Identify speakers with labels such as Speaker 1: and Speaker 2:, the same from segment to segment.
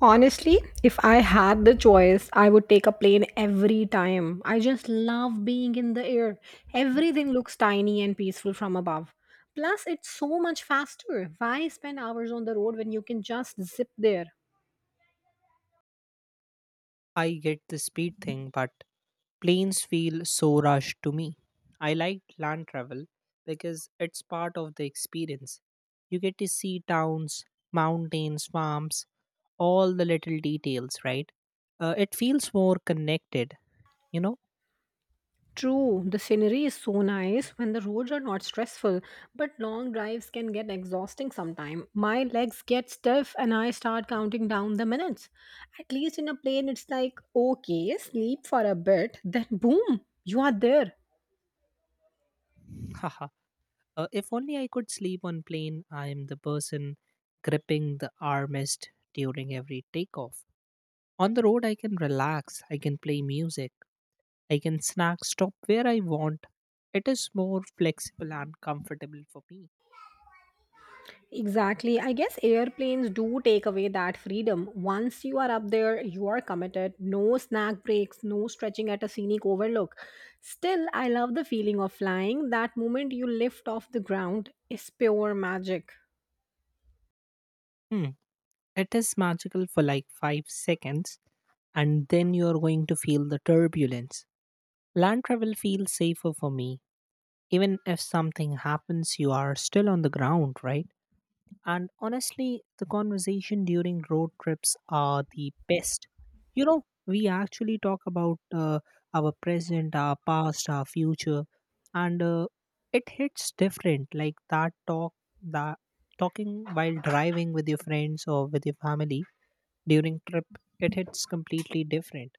Speaker 1: Honestly, if I had the choice, I would take a plane every time. I just love being in the air. Everything looks tiny and peaceful from above. Plus, it's so much faster. Why spend hours on the road when you can just zip there?
Speaker 2: I get the speed thing, but planes feel so rushed to me. I like land travel because it's part of the experience. You get to see towns, mountains, farms, all the little details, right? It feels more connected, you know?
Speaker 1: True, the scenery is so nice when the roads are not stressful, but long drives can get exhausting sometime. My legs get stiff and I start counting down the minutes. At least in a plane, it's like, okay, sleep for a bit, then boom, you are there.
Speaker 2: Haha. If only I could sleep on plane, I am the person gripping the armrest during every takeoff. On the road, I can relax, I can play music, I can snack stop where I want. It is more flexible and comfortable for me.
Speaker 1: Exactly. I guess airplanes do take away that freedom. Once you are up there, you are committed. No snack breaks, no stretching at a scenic overlook. Still, I love the feeling of flying. That moment you lift off the ground is pure magic.
Speaker 2: Hmm. It is magical for like 5 seconds and then you are going to feel the turbulence. Land travel feels safer for me. Even if something happens, you are still on the ground, right? And honestly, the conversation during road trips are the best. You know, we actually talk about our present, our past, our future, and it hits different. Like that talking while driving with your friends or with your family during trip, it hits completely different.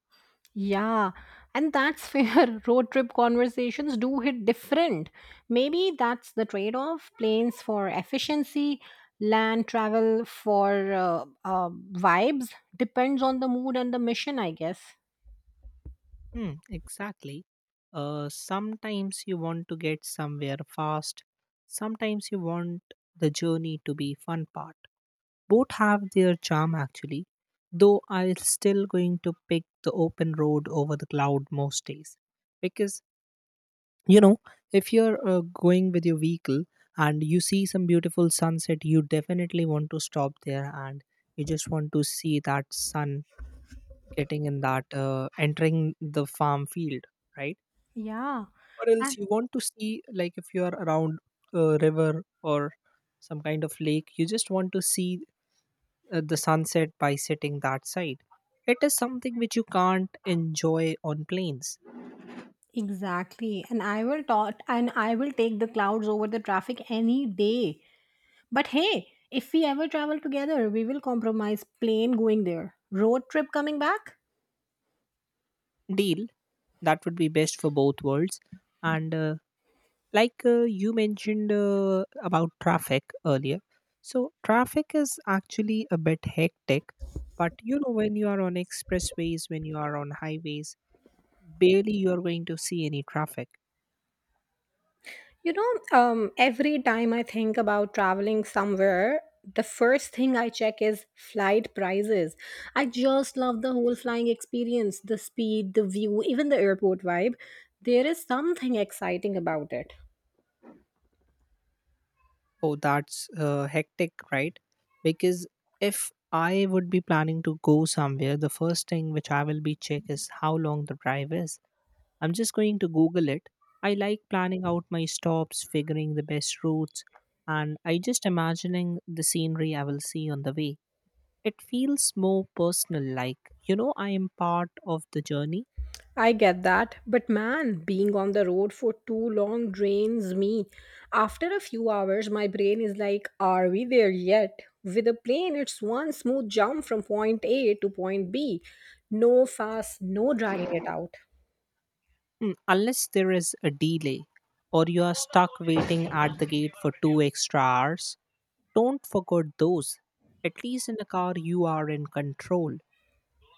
Speaker 1: Yeah, and that's fair. Road trip conversations do hit different. Maybe that's the trade off planes for efficiency, land travel for vibes. Depends on the mood and the mission, I guess.
Speaker 2: Hmm, exactly. Sometimes you want to get somewhere fast. Sometimes you want the journey to be fun part. Both have their charm actually, though I'm still going to pick the open road over the cloud most days. Because, you know, if you're going with your vehicle and you see some beautiful sunset, you definitely want to stop there and you just want to see that sun getting in that, entering the farm field, right?
Speaker 1: Yeah,
Speaker 2: Or else
Speaker 1: and-
Speaker 2: you want to see, like, if you're around a river or some kind of lake, you just want to see the sunset by sitting that side. It is something which you can't enjoy on planes.
Speaker 1: exactly. And I will talk and I will take the clouds over the traffic any day. But hey, if we ever travel together, we will compromise plane going there, road trip coming back.
Speaker 2: Deal, that would be best for both worlds. And you mentioned about traffic earlier, so traffic is actually a bit hectic. But you know, when you are on expressways, when you are on highways, barely you are going to see any traffic.
Speaker 1: Every time I think about traveling somewhere, the first thing I check is flight prices. I just love the whole flying experience, the speed, the view, even the airport vibe. There is something exciting about it.
Speaker 2: Oh, that's hectic, right? Because if I would be planning to go somewhere, the first thing which I will be check is how long the drive is. I'm just going to Google it. I like planning out my stops, figuring the best routes, and I just imagining the scenery I will see on the way. It feels more personal, like you know I am part of the journey.
Speaker 1: I get that, but man, being on the road for too long drains me. After a few hours, my brain is like, are we there yet? With a plane, it's one smooth jump from point A to point B. No fast, no dragging it out.
Speaker 2: Mm, unless there is a delay, or you are stuck waiting at the gate for two extra hours. Don't forget those. At least in a car, you are in control.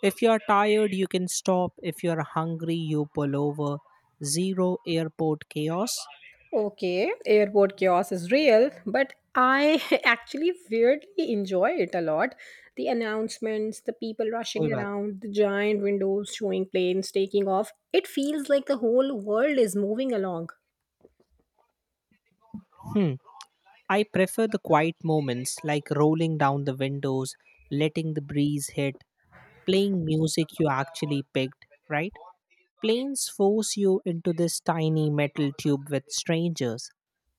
Speaker 2: If you are tired, you can stop. If you are hungry, you pull over. Zero airport chaos.
Speaker 1: Okay, airport chaos is real, but I actually weirdly enjoy it a lot. The announcements, the people
Speaker 2: कोई
Speaker 1: rushing
Speaker 2: बात.
Speaker 1: around, the giant windows showing planes taking off. It feels like the whole world is moving along.
Speaker 2: Hmm. I prefer the quiet moments like rolling down the windows, letting the breeze hit, playing music you actually picked, right? Planes force you into this tiny metal tube with strangers.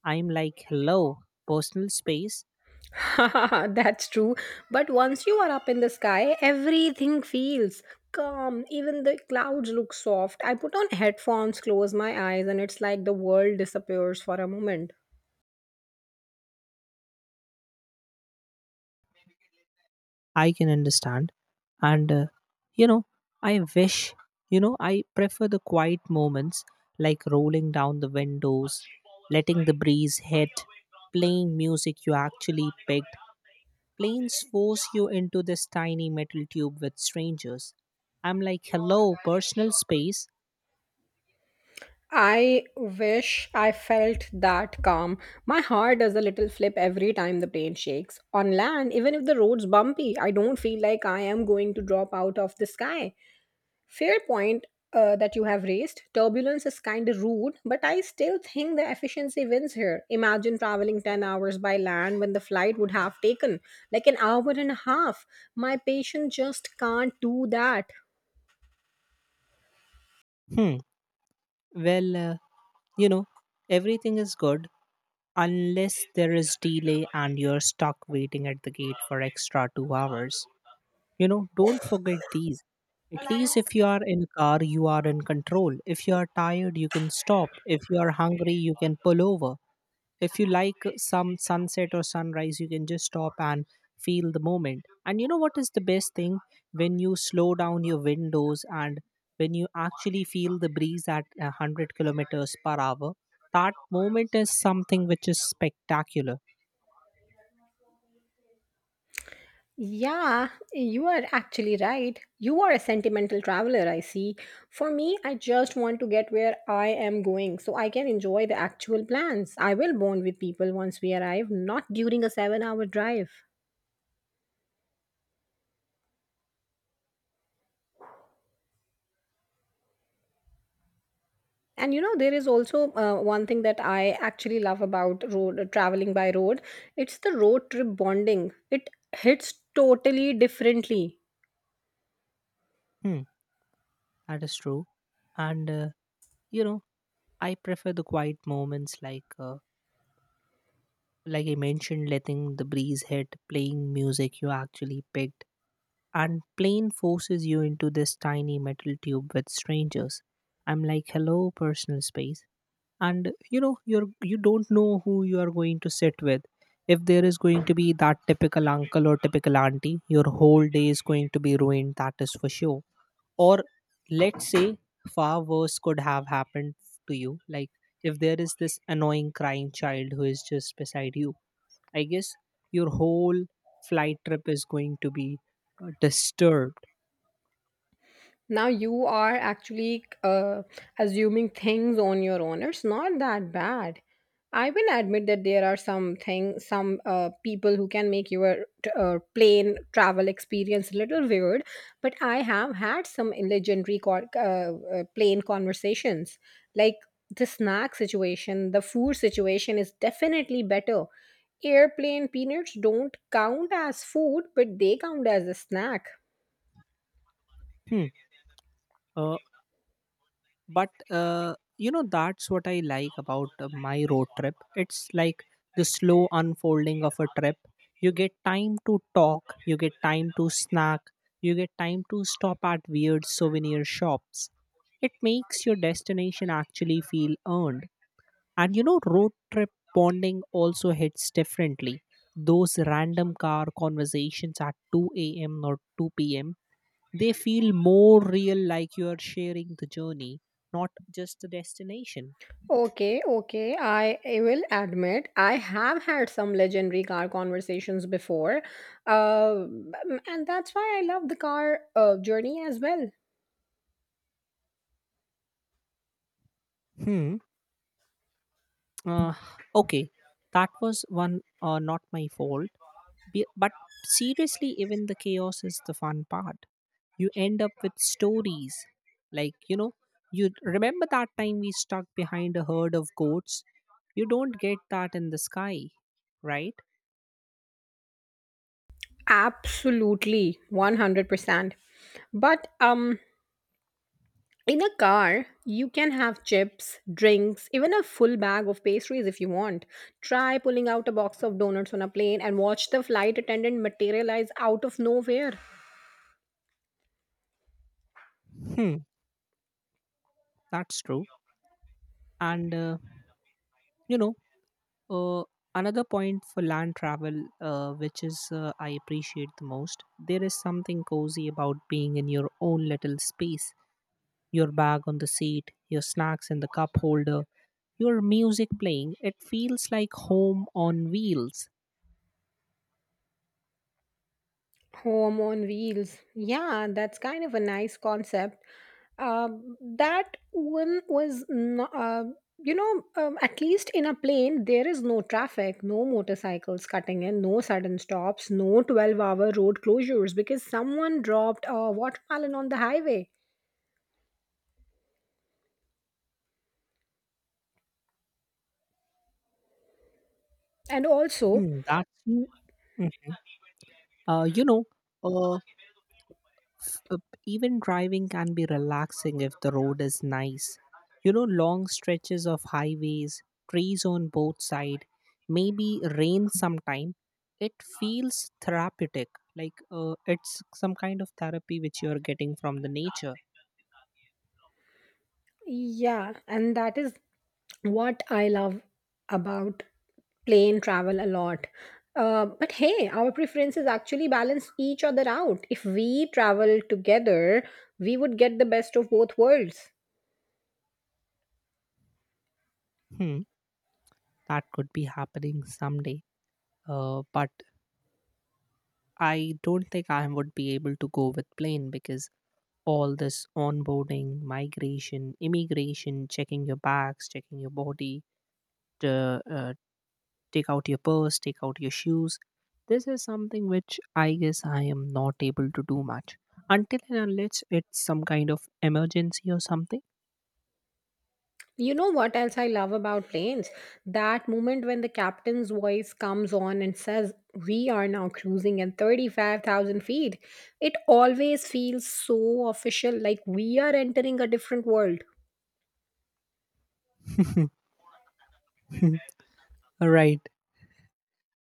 Speaker 2: I'm like, hello, personal space.
Speaker 1: That's true. But once you are up in the sky, everything feels calm. Even the clouds look soft. I put on headphones, close my eyes, and it's like the world disappears for a moment.
Speaker 2: I can understand. And, you know, I wish, you know, I prefer the quiet moments like rolling down the windows, letting the breeze hit, playing music you actually picked. Planes force you into this tiny metal tube with strangers. I'm like, hello, personal space.
Speaker 1: I wish I felt that calm. My heart does a little flip every time the plane shakes. On land, even if the road's bumpy, I don't feel like I am going to drop out of the sky. Fair point that you have raised. Turbulence is kind of rude, but I still think the efficiency wins here. Imagine traveling 10 hours by land when the flight would have taken like an hour and a half. My patient just can't do that.
Speaker 2: Hmm. Well, you know, everything is good unless there is delay and you're stuck waiting at the gate for extra 2 hours. You know, don't forget these. At least if you are in a car, you are in control. If you are tired, you can stop. If you are hungry, you can pull over. If you like some sunset or sunrise, you can just stop and feel the moment. And you know what is the best thing? When you slow down your windows and when you actually feel the breeze at 100 kilometers per hour, that moment is something which is spectacular.
Speaker 1: Yeah, you are actually right. You are a sentimental traveler, I see. For me, I just want to get where I am going so I can enjoy the actual plans. I will bond with people once we arrive, not during a 7 hour drive. And you know there is also one thing that I actually love about road traveling by road It's the road trip bonding. It hits totally differently.
Speaker 2: Hmm, that is true. And you know, I prefer the quiet moments like I mentioned, letting the breeze hit, playing music you actually picked. And plane forces you into this tiny metal tube with strangers. I'm like, hello, personal space. And you know, you don't know who you are going to sit with. If there is going to be that typical uncle or typical auntie, your whole day is going to be ruined, that is for sure. Or let's say, far worse could have happened to you, like if there is this annoying crying child who is just beside you, I guess your whole flight trip is going to be disturbed.
Speaker 1: Now you are actually assuming things on your own. It's not that bad. I will admit that there are some people who can make your plane travel experience a little weird, but I have had some legendary plane conversations. Like, the snack situation, the food situation is definitely better. Airplane peanuts don't count as food, but they count as a snack.
Speaker 2: Hmm. uh, but You know, that's what I like about my road trip. It's like the slow unfolding of a trip. You get time to talk, you get time to snack, you get time to stop at weird souvenir shops. It makes your destination actually feel earned. And you know, road trip bonding also hits differently. Those random car conversations at 2 a.m or 2 p.m, they feel more real, like you are sharing the journey, not just the destination.
Speaker 1: Okay, okay. I will admit I have had some legendary car conversations before, uh, and that's why I love the car journey as well.
Speaker 2: Hmm. Uh, okay, that was one not my fault. But seriously, even the chaos is the fun part. You end up with stories. Like, you know, you remember that time we stuck behind a herd of goats? You don't get that in the sky, right?
Speaker 1: Absolutely, 100%. But in a car, you can have chips, drinks, even a full bag of pastries if you want. Try pulling out a box of donuts on a plane and watch the flight attendant materialize out of nowhere.
Speaker 2: Hmm, that's true. And, you know, Uh, another point for land travel, which is I appreciate the most, there is something cozy about being in your own little space. Your bag on the seat, your snacks in the cup holder, your music playing. It feels like home on wheels.
Speaker 1: Home on wheels. Yeah, that's kind of a nice concept. That one was no- you know At least in a plane there is no traffic, no motorcycles cutting in, no sudden stops, no 12-hour road closures because someone dropped a watermelon on the highway. and also
Speaker 2: Hmm, that's,
Speaker 1: Mm,
Speaker 2: mm. uh, you know, uh, Uh, Even driving can be relaxing if the road is nice. You know, long stretches of highways, trees on both sides, maybe rain sometime. It feels therapeutic, like it's some kind of therapy which you're getting from the nature.
Speaker 1: yeah, and that is what I love about plane travel a lot. But hey, our preferences actually balance each other out. If we travel together, we would get the best of both worlds.
Speaker 2: Hmm, that could be happening someday. But I don't think I would be able to go with plane because all this onboarding, migration, immigration, checking your bags, checking your body, the take out your purse, take out your shoes. This is something which I guess I am not able to do much until and unless it's some kind of emergency or something.
Speaker 1: You know what else I love about planes? That moment when the captain's voice comes on and says, we are now cruising at 35,000 feet. It always feels so official, like we are entering a different world.
Speaker 2: Right.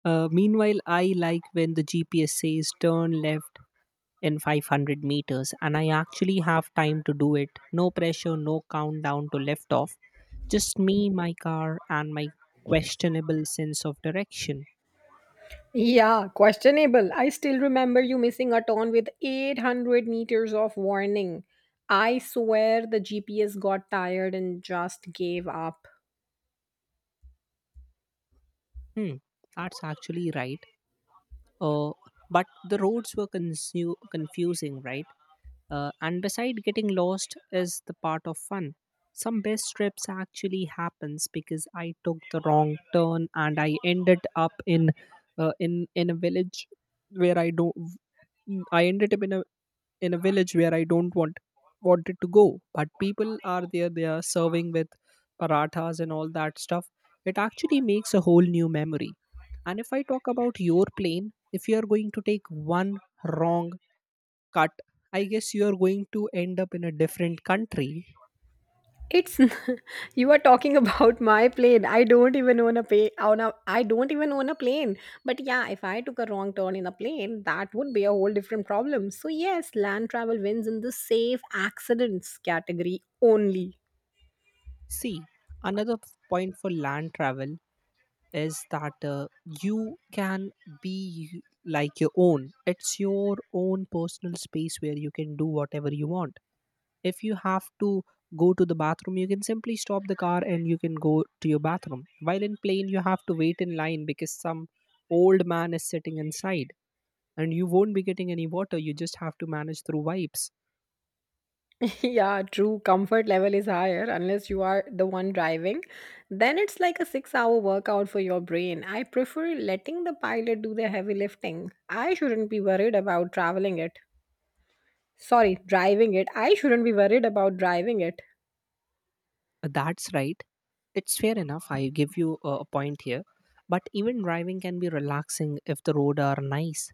Speaker 2: Meanwhile, I like when the GPS says turn left in 500 meters, and I actually have time to do it. No pressure, no countdown to left off. Just me, my car, and my questionable sense of direction.
Speaker 1: Yeah, questionable. I still remember you missing a turn with 800 meters of warning. I swear the GPS got tired and just gave up.
Speaker 2: Hmm, that's actually right. Uh, but the roads were confusing, right? And beside, getting lost is the part of fun. Some best trips actually happens because I took the wrong turn and I ended up in a village where I don't. I ended up in a village where I don't want wanted to go. But people are there, they are serving with parathas and all that stuff. It actually makes a whole new memory. And if I talk about your plane, if you are going to take one wrong cut, I guess you are going to end up in a different country.
Speaker 1: It's n- you are talking about my plane. I don't even own a pay on a I don't even own a plane. But yeah, if I took a wrong turn in a plane, that would be a whole different problem. So yes, land travel wins in the safe accidents category only.
Speaker 2: See, another point for land travel is that you can be like your own. It's your own personal space where you can do whatever you want. If you have to go to the bathroom, you can simply stop the car and you can go to your bathroom. While in plane, you have to wait in line because some old man is sitting inside, and you won't be getting any water, you just have to manage through wipes.
Speaker 1: Yeah, true. Comfort level is higher unless you are the one driving. Then it's like a 6-hour workout for your brain. I prefer letting the pilot do the heavy lifting. I shouldn't be worried about traveling it. Sorry, driving it. I shouldn't be worried about driving it.
Speaker 2: That's right, it's fair enough, I give you a point here. But even driving can be relaxing if the road are nice.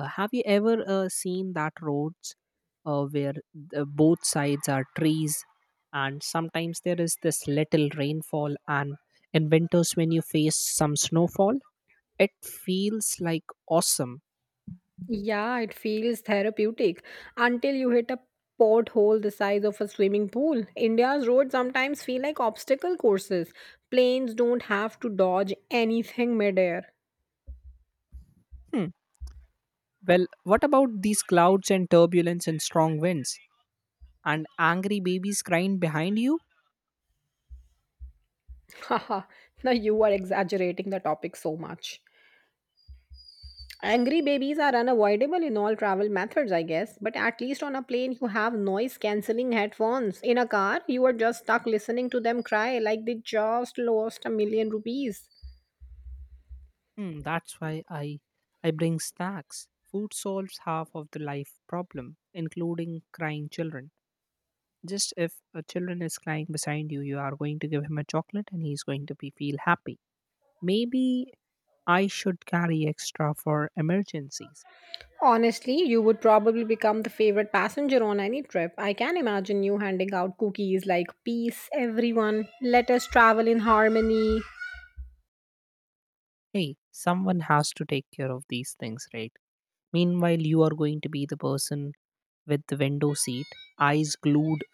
Speaker 2: Have you ever seen that roads where the, both sides are trees, and sometimes there is this little rainfall, and in winters when you face some snowfall, it feels like awesome.
Speaker 1: Yeah, it feels therapeutic until you hit a pothole the size of a swimming pool. India's roads sometimes feel like obstacle courses. Planes don't have to dodge anything midair.
Speaker 2: Hmm. Well, what about these clouds and turbulence and strong winds and angry babies crying behind you?
Speaker 1: Haha, now you are exaggerating the topic so much. Angry babies are unavoidable in all travel methods, I guess, but at least on a plane, you have noise cancelling headphones. In a car, you are just stuck listening to them cry like they just lost a million rupees.
Speaker 2: Hmm, that's why I bring snacks. Food solves half of the life problem, including crying children. Just if a children is crying beside you, you are going to give him a chocolate and he's going to be feel happy. Maybe I should carry extra for emergencies.
Speaker 1: Honestly, you would probably become the favorite passenger on any trip. I can imagine you handing out cookies like, peace, everyone, let us travel in harmony.
Speaker 2: Hey, someone has to take care of these things, right? Meanwhile, you are going to be the person with the window seat, eyes glued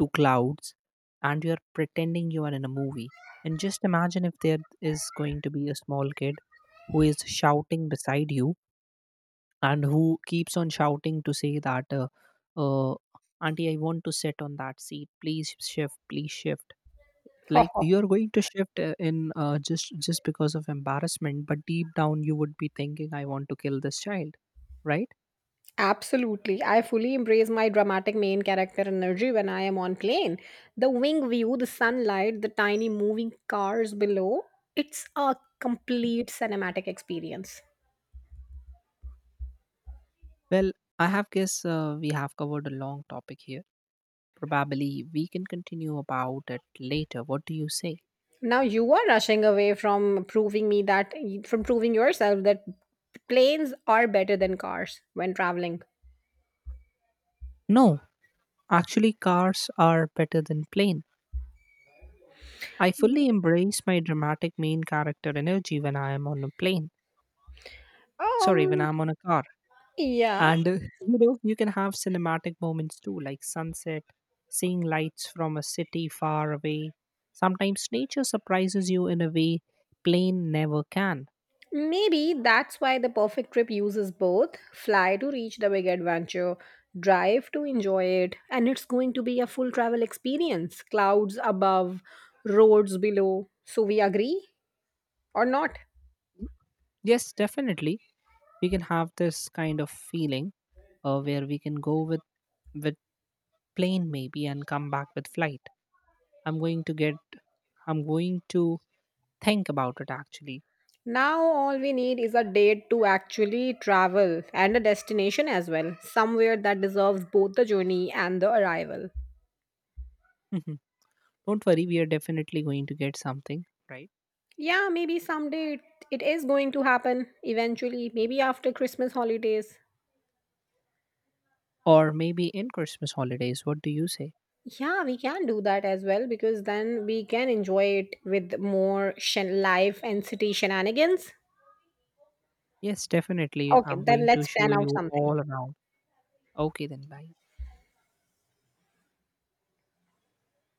Speaker 2: to clouds, and you're pretending you are in a movie. And just imagine if there is going to be a small kid who is shouting beside you and who keeps on shouting to say that uh, auntie, I want to sit on that seat, please shift, please shift. Like you're going to shift in just because of embarrassment, but deep down you would be thinking, I want to kill this child, right?
Speaker 1: Absolutely. I fully embrace my dramatic main character energy when I am on plane. The wing view, the sunlight, the tiny moving cars below, it's a complete cinematic experience.
Speaker 2: Well, I have guess we have covered a long topic here. Probably we can continue about it later, what do you say?
Speaker 1: Now you are rushing away from proving me that, from proving yourself that planes are better than cars when traveling.
Speaker 2: No, actually cars are better than plane. I fully embrace my dramatic main character energy when I am on a plane. Sorry, when
Speaker 1: Um
Speaker 2: I'm on a car.
Speaker 1: yeah,
Speaker 2: And you know, you can have cinematic moments too, like sunset, seeing lights from a city far away. Sometimes nature surprises you in a way plane never can.
Speaker 1: Maybe that's why the perfect trip uses both. Fly to reach the big adventure, drive to enjoy it, and it's going to be a full travel experience. Clouds above, roads below. So, we agree or not?
Speaker 2: Yes, definitely, we can have this kind of feeling where we can go with with plane maybe and come back with flight. I'm going to get. I'm going to think about it actually.
Speaker 1: Now, all we need is a date to actually travel and a destination as well, somewhere that deserves both the journey and the arrival.
Speaker 2: Don't worry, we are definitely going to get something, right?
Speaker 1: Yeah, maybe someday it is going to happen eventually, maybe after Christmas holidays.
Speaker 2: Or maybe in Christmas holidays, what do you say?
Speaker 1: Yeah, we can do that as well because then we can enjoy it with more life and city shenanigans.
Speaker 2: Yes, definitely.
Speaker 1: Okay,
Speaker 2: I'm
Speaker 1: then
Speaker 2: going to
Speaker 1: let's
Speaker 2: show
Speaker 1: plan out
Speaker 2: you
Speaker 1: something.
Speaker 2: all around. Okay, then bye.